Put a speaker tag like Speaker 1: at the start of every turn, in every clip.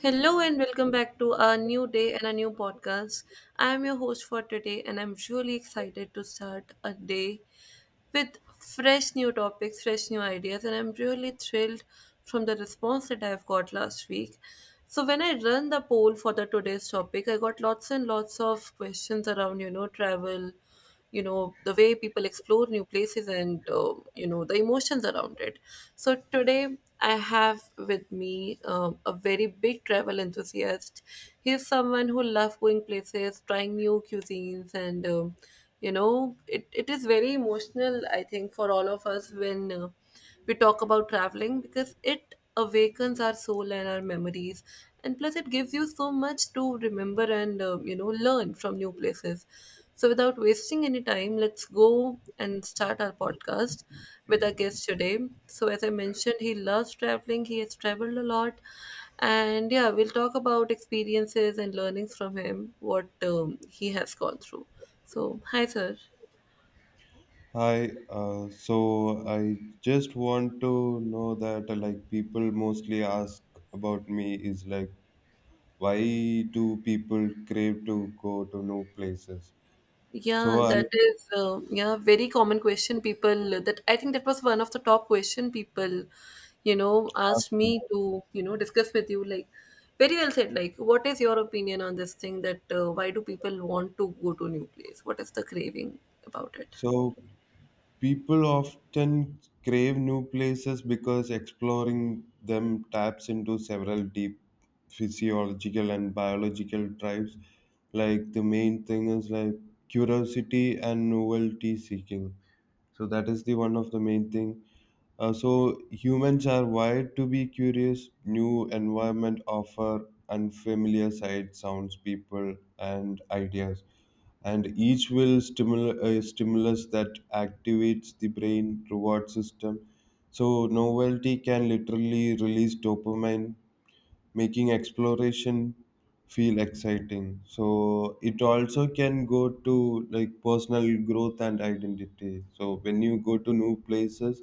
Speaker 1: Hello and welcome back to a new day and a new podcast. I am your host for today and I'm really excited to start a day with fresh new topics, fresh new ideas, and I'm really thrilled from the response that I've got last week. So when I run the poll for the today's topic, I got lots and lots of questions around, travel, the way people explore new places, and the emotions around it. So today I have with me a very big travel enthusiast. He's someone who loves going places, trying new cuisines, and it is very emotional, I think, for all of us when we talk about traveling because it awakens our soul and our memories. And plus it gives you so much to remember and learn from new places. So without wasting any time, let's go and start our podcast with our guest today. So as I mentioned, he loves traveling, he has traveled a lot, and yeah, we'll talk about experiences and learnings from him, what he has gone through. So hi, sir.
Speaker 2: Hi, so I just want to know that like people mostly ask about me is like, why do people crave to go to new places? So
Speaker 1: Yeah,
Speaker 2: I'll
Speaker 1: that is yeah, very common question people, that I think that was one of the top question people
Speaker 2: ask
Speaker 1: asked me
Speaker 2: you.
Speaker 1: to discuss with you, like, very well said. Like, what is your opinion on this thing, that why do people want to go to new place? What is the craving about it?
Speaker 2: So people often crave new places because exploring them taps into several deep physiological and biological drives. Like, the main thing is like curiosity and novelty seeking. So that is the one of the main thing. So humans are wired to be curious. New environment offer unfamiliar sights, sounds, people, and ideas, and each will stimulate a stimulus that activates the brain reward system. So novelty can literally release dopamine, making exploration feel exciting. So it also can go to like personal growth and identity. So when you go to new places,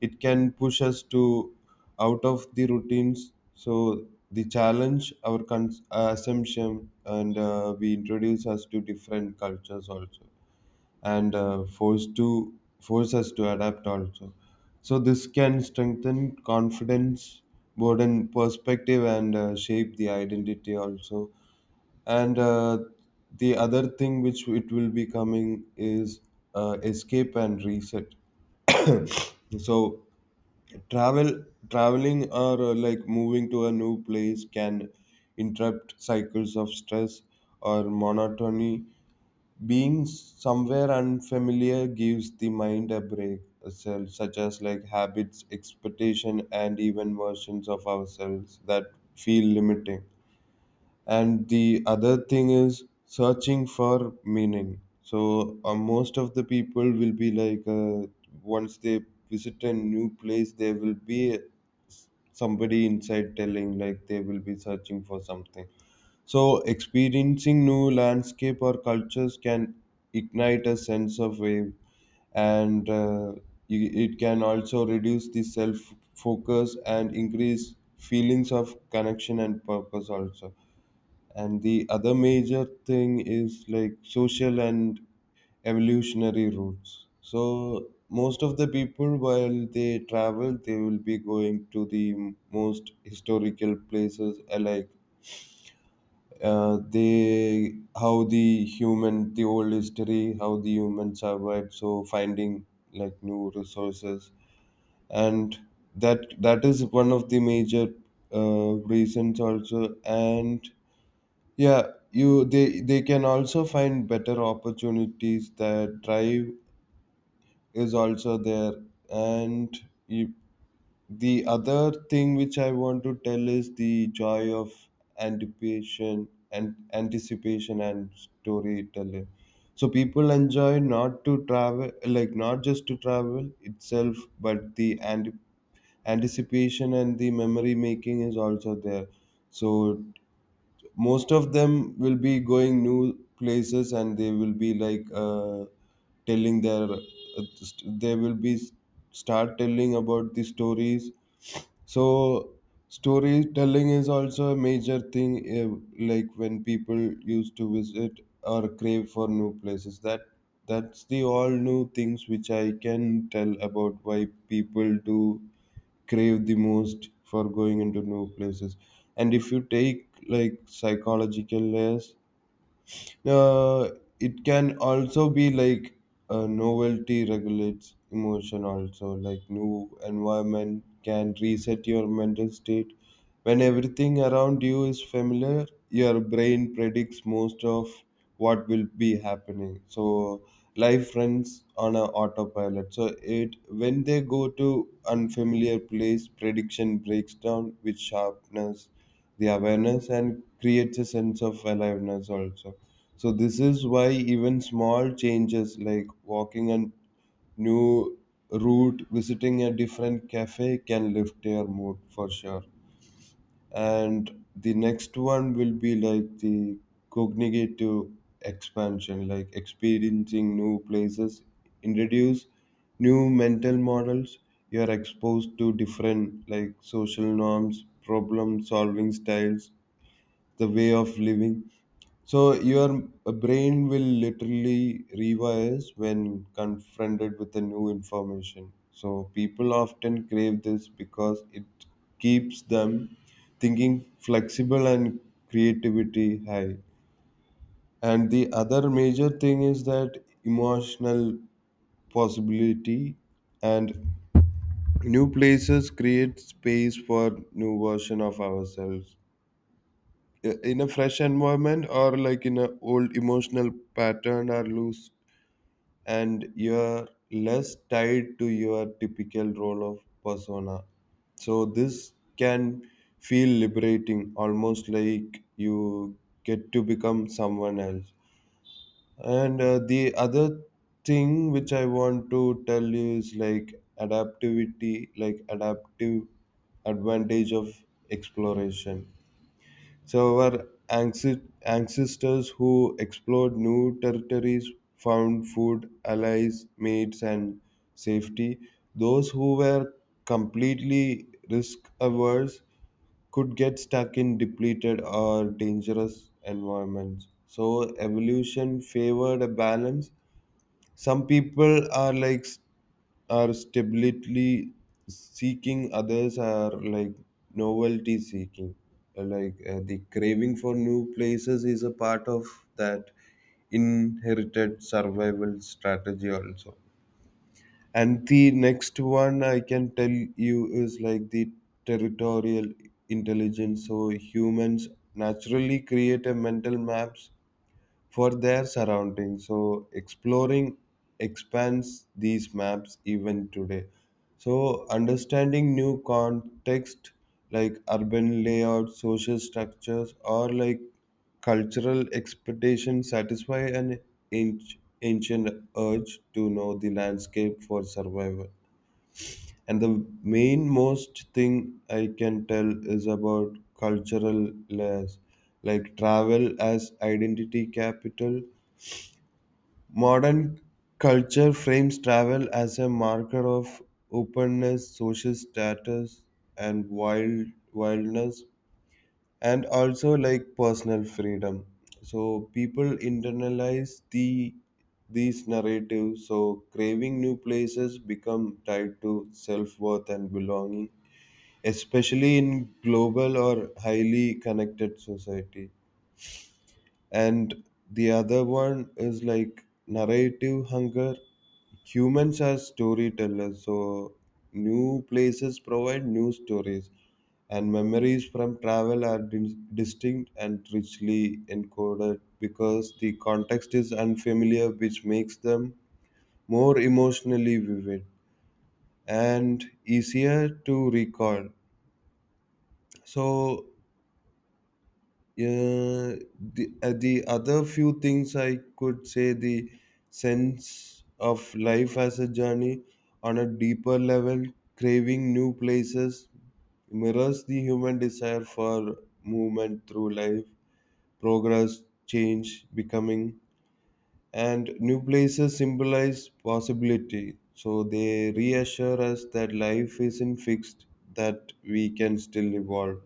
Speaker 2: it can push us to out of the routines. So the challenge our assumption, and we introduce us to different cultures also, and force us to adapt also. So this can strengthen confidence, broaden perspective, and shape the identity also. And the other thing which it will be coming is escape and reset. So travel, traveling or like moving to a new place can interrupt cycles of stress or monotony. Being somewhere unfamiliar gives the mind a break, such as like habits, expectation, and even versions of ourselves that feel limiting. And the other thing is searching for meaning. So most of the people will be like, once they visit a new place, there will be somebody inside telling like they will be searching for something. So, experiencing new landscape or cultures can ignite a sense of awe, and it can also reduce the self focus and increase feelings of connection and purpose also. And the other major thing is like social and evolutionary roots. So, most of the people, while they travel, they will be going to the most historical places, like they how the human the old history how the human survived, so finding like new resources, and that is one of the major reasons also. And yeah, you, they can also find better opportunities. That drive is also there. And you, the other thing which I want to tell is the joy of anticipation and storytelling. So people enjoy not to travel, like not just to travel itself, but the anticipation and the memory making is also there. So most of them will be going new places and they will be like, telling they will be start telling about the stories. So storytelling is also a major thing, like when people used to visit or crave for new places. That's the all new things which I can tell about why people do crave the most for going into new places. And if you take like psychological layers, uh, it can also be like, novelty regulates emotion also. Like, new environment can reset your mental state. When everything around you is familiar, your brain predicts most of what will be happening. So life runs on a autopilot, so it, when they go to unfamiliar place, prediction breaks down with sharpness, the awareness, and creates a sense of aliveness also. So this is why even small changes like walking a new route, visiting a different cafe can lift your mood for sure. And the next one will be like the cognitive expansion, like experiencing new places, introduce new mental models. You are exposed to different like social norms, problem solving styles, the way of living, so your brain will literally rewires when confronted with the new information. So people often crave this because it keeps them thinking flexible and creativity high. And the other major thing is that emotional possibility, and new places create space for new version of ourselves in a fresh environment, or like in a old emotional pattern are loose, and you're less tied to your typical role of persona. So this can feel liberating, almost like you get to become someone else. And the other thing which I want to tell you is like adaptivity, like adaptive advantage of exploration. So our ancestors who explored new territories found food, allies, mates, and safety. Those who were completely risk averse could get stuck in depleted or dangerous environments. So evolution favored a balance. Some people are like are stability seeking, others are like novelty seeking. Like the craving for new places is a part of that inherited survival strategy also. And the next one I can tell you is like the territorial intelligence. So humans naturally create a mental maps for their surroundings. So exploring expands these maps even today. So understanding new context like urban layouts, social structures, or like cultural expectations satisfy an ancient urge to know the landscape for survival. And the main most thing I can tell is about cultural layers, like travel as identity capital. Modern culture frames travel as a marker of openness, social status, and wildness, and also like personal freedom. So people internalize these narratives. So craving new places become tied to self worth and belonging, especially in global or highly connected society. And the other one is like narrative hunger. Humans are storytellers, so new places provide new stories, and memories from travel are distinct and richly encoded because the context is unfamiliar, which makes them more emotionally vivid and easier to recall. So Uh, the other few things I could say, the sense of life as a journey on a deeper level, craving new places, mirrors the human desire for movement through life, progress, change, becoming. And new places symbolize possibility. So they reassure us that life isn't fixed, that we can still evolve.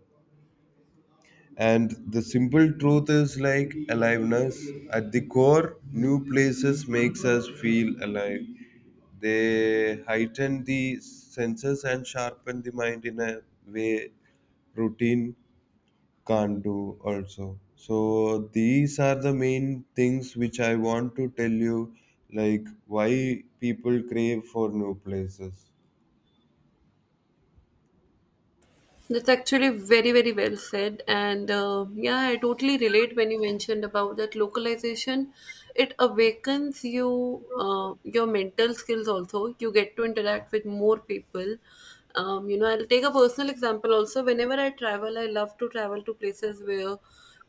Speaker 2: And the simple truth is like aliveness at the core, new places makes us feel alive. They heighten the senses and sharpen the mind in a way routine can't do also. So these are the main things which I want to tell you, like why people crave for new places.
Speaker 1: That's actually very, very well said. And yeah, I totally relate when you mentioned about that localization. It awakens you, your mental skills also. You get to interact with more people. I'll take a personal example also. Whenever I travel, I love to travel to places where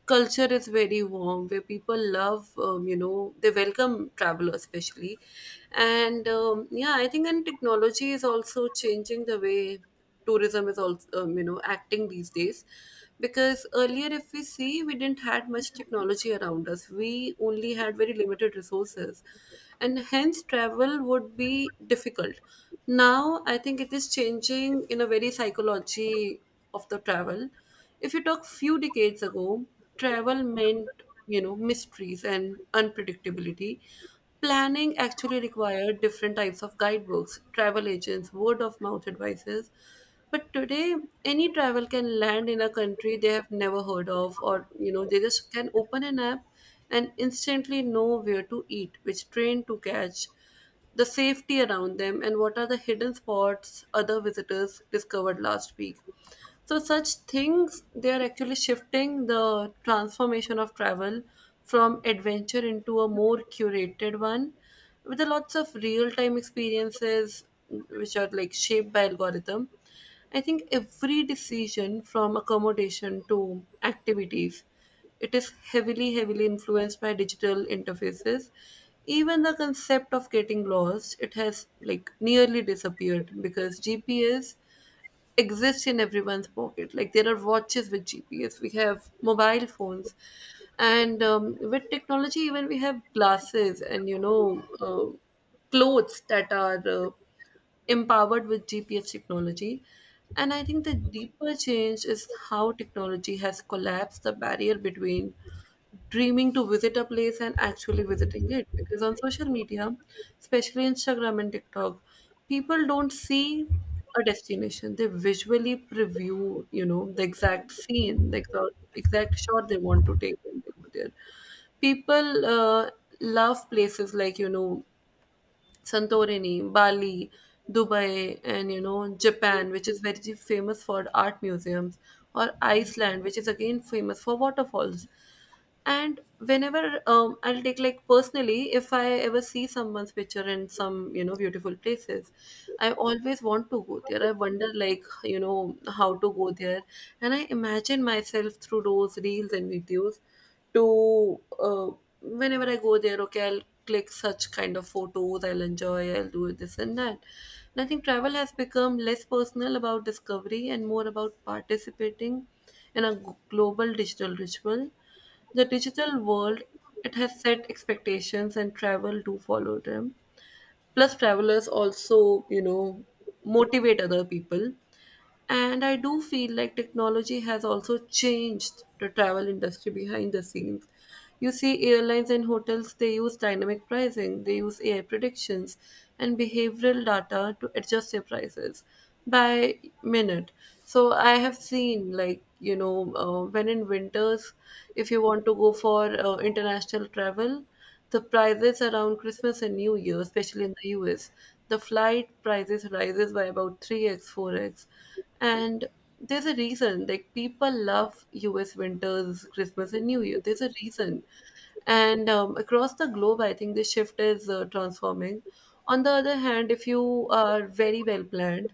Speaker 1: culture is very warm, where people love, they welcome travelers, especially. And yeah, I think, and technology is also changing the way tourism is also acting these days, because earlier, if we see, we didn't had much technology around us. We only had very limited resources, and hence travel would be difficult. Now I think it is changing in a very psychology of the travel. If you talk few decades ago, travel meant, mysteries and unpredictability. Planning actually required different types of guidebooks, travel agents, word of mouth advices. But today, any travel can land in a country they have never heard of, or they just can open an app and instantly know where to eat, which train to catch, the safety around them, and what are the hidden spots other visitors discovered last week. So such things, they are actually shifting the transformation of travel from adventure into a more curated one, with a lots of real time experiences which are like shaped by algorithm. I think every decision from accommodation to activities, it is heavily, heavily influenced by digital interfaces. Even the concept of getting lost, it has like nearly disappeared because GPS exists in everyone's pocket. Like there are watches with GPS, we have mobile phones, and with technology, even we have glasses, and clothes that are empowered with GPS technology. And I think the deeper change is how technology has collapsed the barrier between dreaming to visit a place and actually visiting it, because on social media, especially Instagram and TikTok, people don't see a destination. They visually preview, the exact scene, the exact shot they want to take when they go there. People love places like, Santorini, Bali, Dubai, and Japan, which is very famous for art museums, or Iceland, which is again famous for waterfalls. And whenever I'll take like personally, if I ever see someone's picture in some beautiful places, I always want to go there. I wonder like how to go there, and I imagine myself through those reels and videos to whenever I go there, okay, I'll click such kind of photos, I'll enjoy, I'll do this and that. And I think travel has become less personal about discovery and more about participating in a global digital ritual. The digital world, it has set expectations and travel do follow them. Plus travelers also motivate other people. And I do feel like technology has also changed the travel industry behind the scenes. You see, airlines and hotels, they use dynamic pricing, they use AI predictions and behavioral data to adjust their prices by minute. So I have seen like when in winters, if you want to go for international travel, the prices around Christmas and New Year, especially in the US, the flight prices rises by about 3x, 4x. And there's a reason, like people love US winters, Christmas and New Year. There's a reason. And across the globe, I think the shift is transforming. On the other hand, if you are very well planned,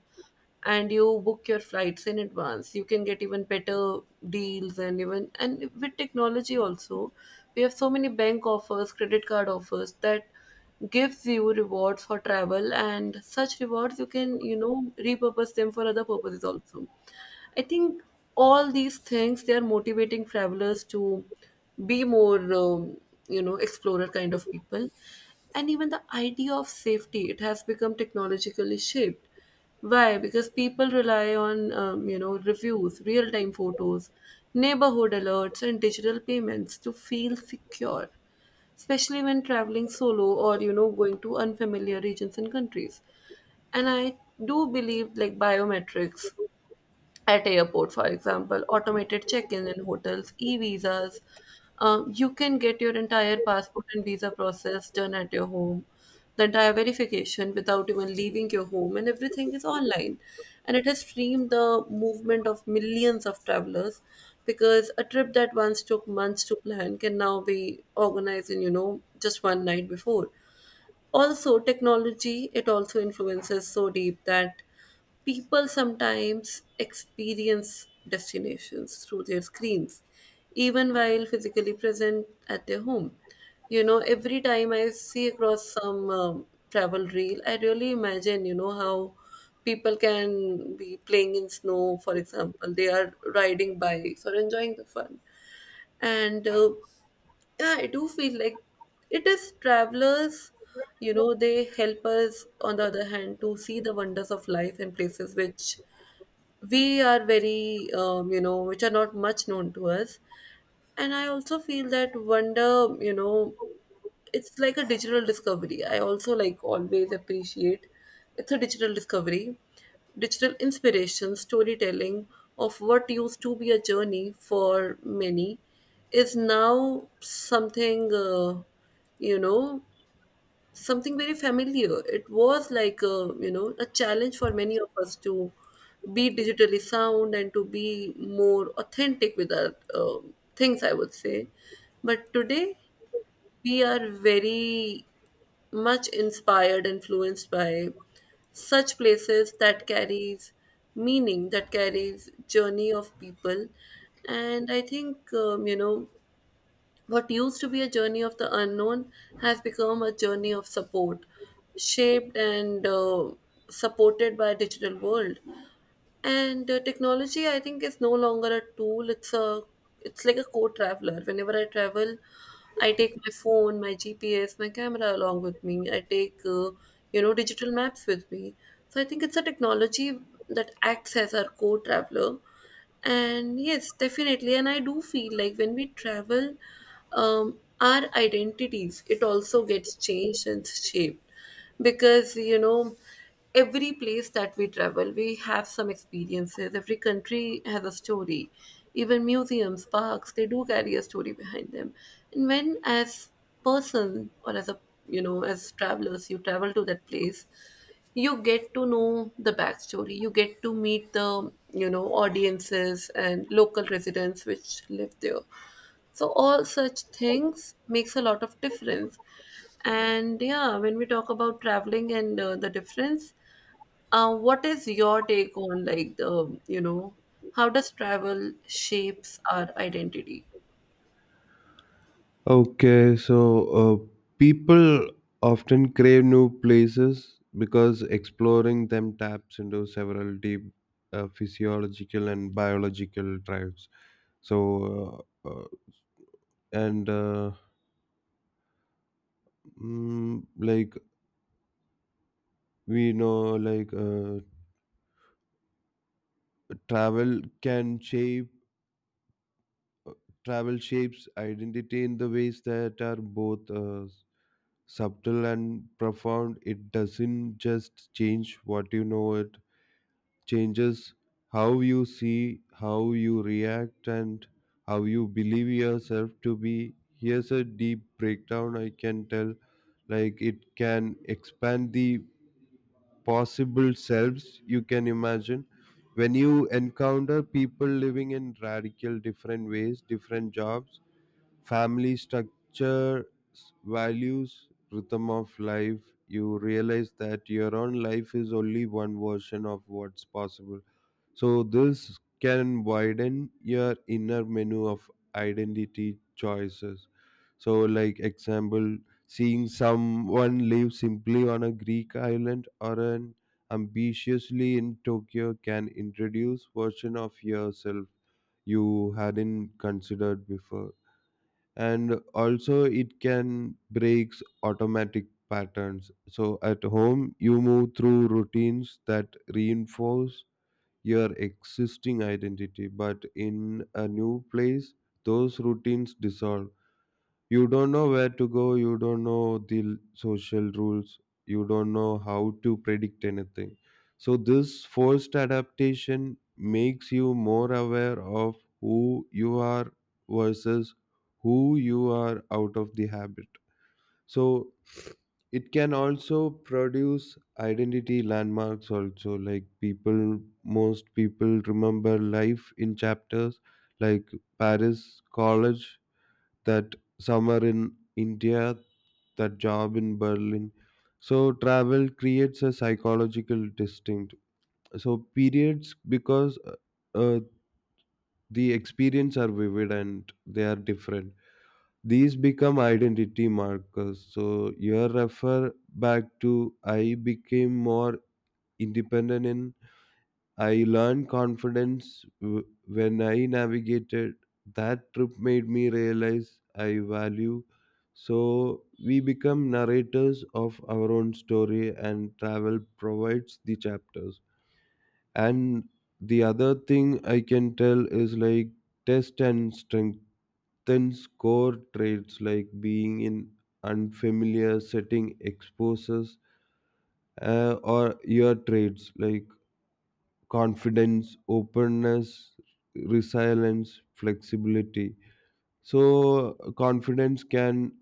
Speaker 1: and you book your flights in advance, you can get even better deals. And even, and with technology also, we have so many bank offers, credit card offers that gives you rewards for travel, and such rewards you can repurpose them for other purposes also. I think all these things, they are motivating travelers to be more, explorer kind of people. And even the idea of safety, it has become technologically shaped. Why? Because people rely on reviews, real time photos, neighborhood alerts, and digital payments to feel secure, especially when traveling solo or going to unfamiliar regions and countries. And I do believe like biometrics at airport, for example, automated check-in in hotels, e-visas, you can get your entire passport and visa process done at your home, the entire verification without even leaving your home, and everything is online. And it has streamed the movement of millions of travelers, because a trip that once took months to plan can now be organized in just one night before. Also technology, it also influences so deep that people sometimes experience destinations through their screens even while physically present at their home. Every time I see across some travel reel, I really imagine how people can be playing in snow, for example, they are riding bikes or enjoying the fun. And yeah, I do feel like it is travelers, they help us on the other hand to see the wonders of life in places which we are very which are not much known to us. And I also feel that wonder, you know it's like a digital discovery. I also like always appreciate it's a digital discovery, digital inspiration, storytelling of what used to be a journey for many is now something you know something very familiar. It was like a, a challenge for many of us to be digitally sound and to be more authentic with our things, I would say. But today we are very much inspired, influenced by such places that carries meaning, that carries journey of people. And I think, what used to be a journey of the unknown has become a journey of support, shaped and supported by digital world. And technology, I think, is no longer a tool. It's a, it's like a co-traveler. Whenever I travel, I take my phone, my GPS, my camera along with me. I take digital maps with me. So I think it's a technology that acts as our co-traveler. And yes, definitely. And I do feel like when we travel, our identities, it also gets changed and shaped, because every place that we travel, we have some experiences. Every country has a story. Even museums, parks, they do carry a story behind them. And when as person, or as a as travelers, you travel to that place, you get to know the backstory, you get to meet the audiences and local residents which live there. So all such things makes a lot of difference. And yeah, when we talk about traveling and the difference, what is your take on like the how does travel shapes our identity?
Speaker 2: Okay, so uh, people often crave new places because exploring them taps into several deep physiological and biological drives. So, and like we know, like travel can shape travel shapes identity in the ways that are both subtle and profound. It doesn't just change what you know, it changes how you see, how you react, and how you believe yourself to be. Here's a deep breakdown I can tell. Like, it can expand the possible selves you can imagine. When you encounter people living in radical different ways, different jobs, family structure, values, rhythm of life, you realize that your own life is only one version of what's possible, so this can widen your inner menu of identity choices. So like example, seeing someone live simply on a Greek island or an ambitiously in Tokyo can introduce version of yourself you hadn't considered before. And also it can breaks automatic patterns. So at home you move through routines that reinforce your existing identity, but in a new place, those routines dissolve. You don't know where to go, you don't know the social rules, you don't know how to predict anything. So this forced adaptation makes you more aware of who you are versus who you are out of the habit. So it can also produce identity landmarks also. Like people, most people remember life in chapters, like Paris college, that summer in India, that job in Berlin. So travel creates a psychological distinct so periods, because uh, the experience are vivid and they are different, these become identity markers. So your refer back to, I became more independent, and I learned confidence when I navigated. That trip made me realize I value. So we become narrators of our own story, and travel provides the chapters. And the other thing I can tell is like, test and strength then, core traits. Like being in unfamiliar setting exposes or your traits, like confidence, openness, resilience, flexibility. So confidence can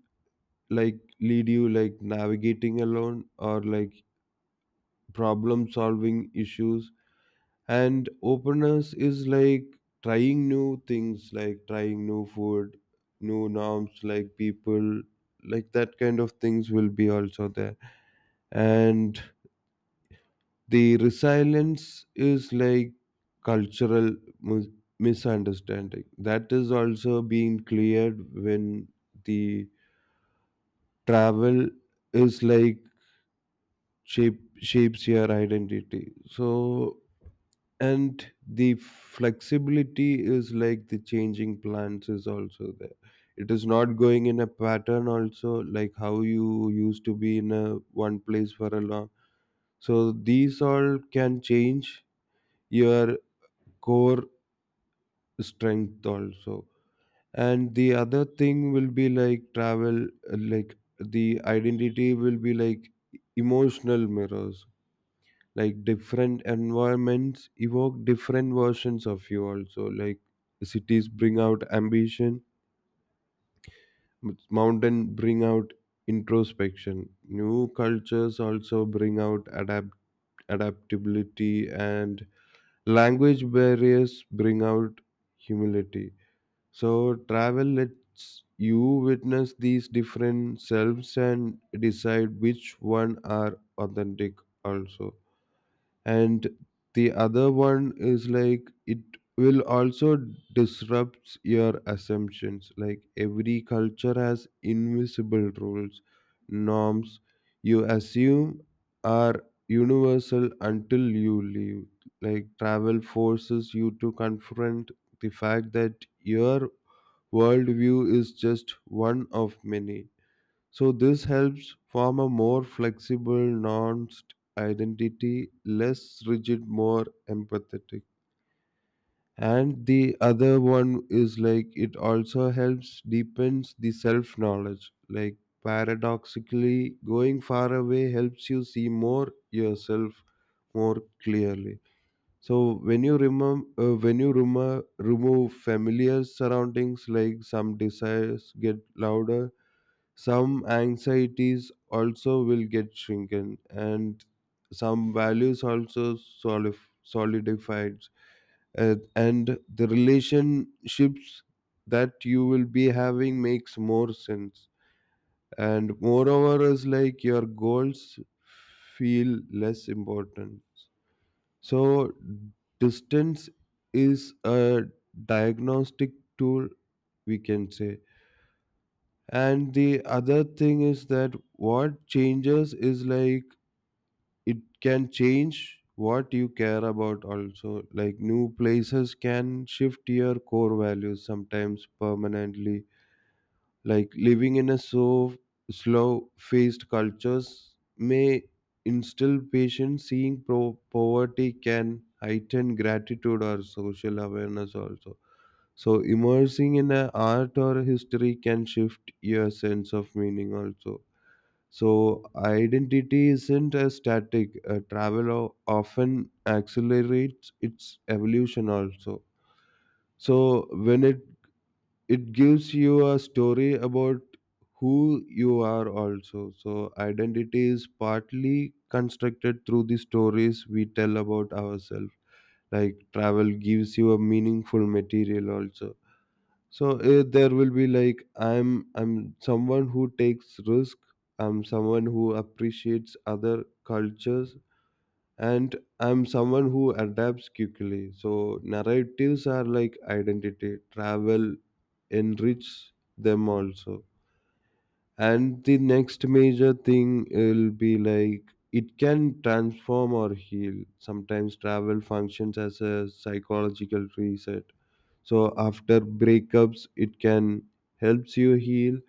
Speaker 2: like lead you, like navigating alone or like problem solving issues. And openness is like trying new things, like trying new food, new norms, like people, like that kind of things will be also there. And the resilience is like cultural mis- misunderstanding that is also being cleared when the travel is like shapes your identity. So, and the flexibility is like the changing plans is also there. It is not going in a pattern also, like how you used to be in a one place for a long. So these all can change your core strength also. And the other thing will be like travel, like the identity will be like emotional mirrors. Like different environments evoke different versions of you also. Like, cities bring out ambition, mountain bring out introspection, new cultures also bring out adaptability, and language barriers bring out humility. So travel lets you witness these different selves and decide which one are authentic also. And the other one is like, it will also disrupts your assumptions. Like every culture has invisible rules, norms you assume are universal until you leave. Like, travel forces you to confront the fact that your worldview is just one of many. So this helps form a more flexible, nuanced identity, less rigid, more empathetic. And the other one is like, it also helps deepens the self knowledge. Like paradoxically, going far away helps you see more yourself more clearly. So when you remove when you remo- remove familiar surroundings, like some desires get louder, some anxieties also will get shrunken, and some values also solidified. Uh, and the relationships that you will be having makes more sense, and moreover is like your goals feel less important. So distance is a diagnostic tool, we can say. And the other thing is that what changes is like, it can change what you care about also. Like, new places can shift your core values sometimes permanently. Like living in a slow faced cultures may instill patience, seeing poverty can heighten gratitude or social awareness also. So immersing in a art or history can shift your sense of meaning also. So identity isn't a static. A travel often accelerates its evolution also. So when it gives you a story about who you are also. So identity is partly constructed through the stories we tell about ourselves. Like travel gives you a meaningful material also. So there will be like, I'm someone who takes risk. I'm someone who appreciates other cultures, and I'm someone who adapts quickly. So narratives are like identity. Travel enrich them also. And the next major thing will be like, it can transform or heal. Sometimes travel functions as a psychological reset. So after breakups, it can helps you heal,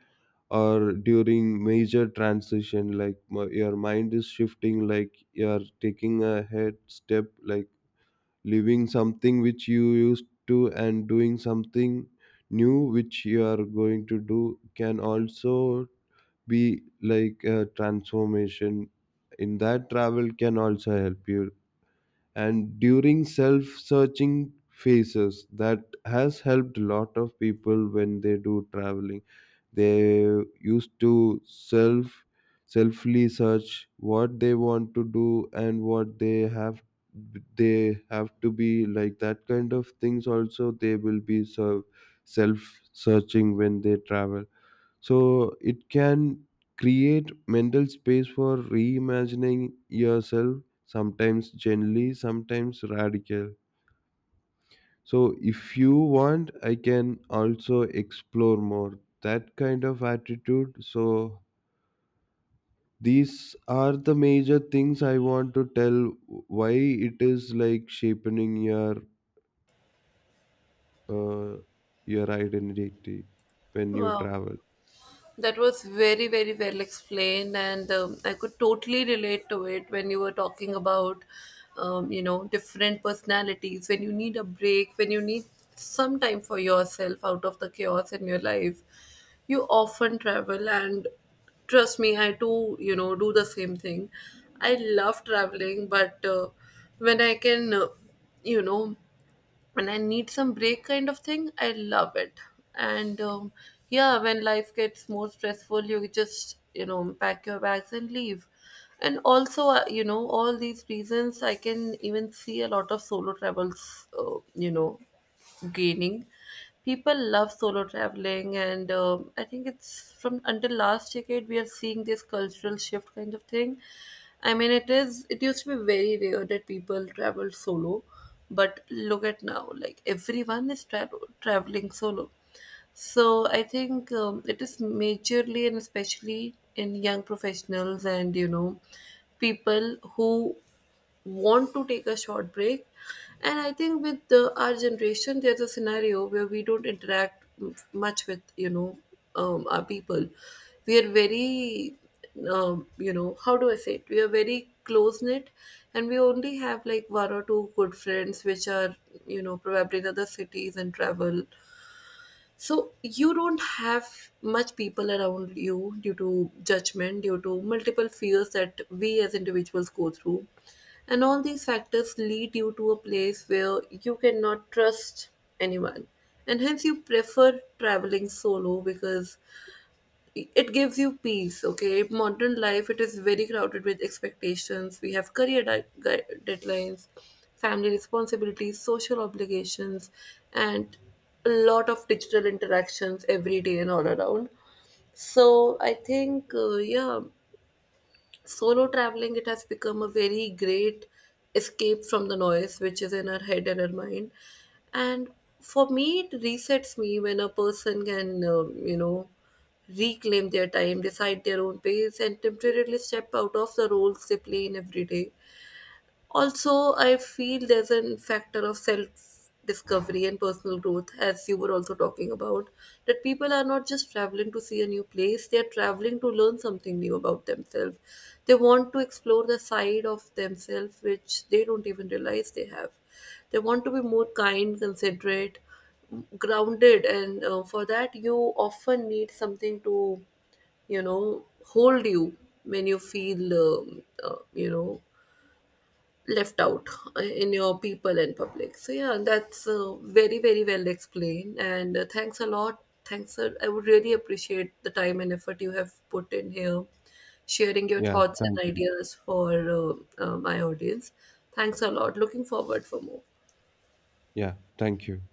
Speaker 2: or during major transition, like your mind is shifting, like you're taking a head step, like leaving something which you used to and doing something new which you are going to do can also be like a transformation. In that, travel can also help you. And during self-searching phases, that has helped a lot of people. When they do traveling, they used to selfly search what they want to do and what they have to be, like that kind of things also, they will be self searching when they travel. So it can create mental space for reimagining yourself, sometimes gently, sometimes radical. So if you want, I can also explore more that kind of attitude. So these are the major things I want to tell why it is like shaping uh, your identity when you
Speaker 1: Wow.
Speaker 2: travel.
Speaker 1: That was very, very well explained. And I could totally relate to it when you were talking about, different personalities, when you need a break, when you need some time for yourself out of the chaos in your life. You often travel, and trust me, I too, do the same thing. I love traveling, but when I can, you know, and I need some break kind of thing, I love it. And yeah, when life gets more stressful, you just, pack your bags and leave. And also, all these reasons, I can even see a lot of solo travels, gaining. People love solo traveling. And I think it's from until last decade we are seeing this cultural shift kind of thing. I mean, it is, it used to be very rare that people traveled solo, but look at now, like everyone is traveling solo. So I think it is majorly, and especially in young professionals, and people who want to take a short break. And I think with the, our generation, there's a scenario where we don't interact much with our people. We are very how do I say it? We are very close knit, and we only have like one or two good friends, which are probably in other cities and travel. So you don't have much people around you due to judgment, due to multiple fears that we as individuals go through. And all these factors lead you to a place where you cannot trust anyone. And hence you prefer traveling solo because it gives you peace. Okay, modern life, it is very crowded with expectations. We have career deadlines, family responsibilities, social obligations, and a lot of digital interactions every day and all around. So I think yeah, solo traveling, it has become a very great escape from the noise which is in our head and our mind. And for me, it resets me when a person can reclaim their time, decide their own pace, and temporarily step out of the roles they play in every day. Also, I feel there's a factor of self discovery and personal growth, as you were also talking about, that people are not just traveling to see a new place, they are traveling to learn something new about themselves. They want to explore the side of themselves which they don't even realize they have. They want to be more kind, considerate, grounded, and for that, you often need something to hold you when you feel um, uh, you know left out in your people and public. So yeah, that's very, very well explained. And thanks a lot, thanks sir. I would really appreciate the time and effort you have put in here, sharing your
Speaker 2: Yeah,
Speaker 1: thoughts
Speaker 2: thank
Speaker 1: and
Speaker 2: you.
Speaker 1: ideas for my audience. Thanks a lot, looking forward for more.
Speaker 2: Yeah, thank you.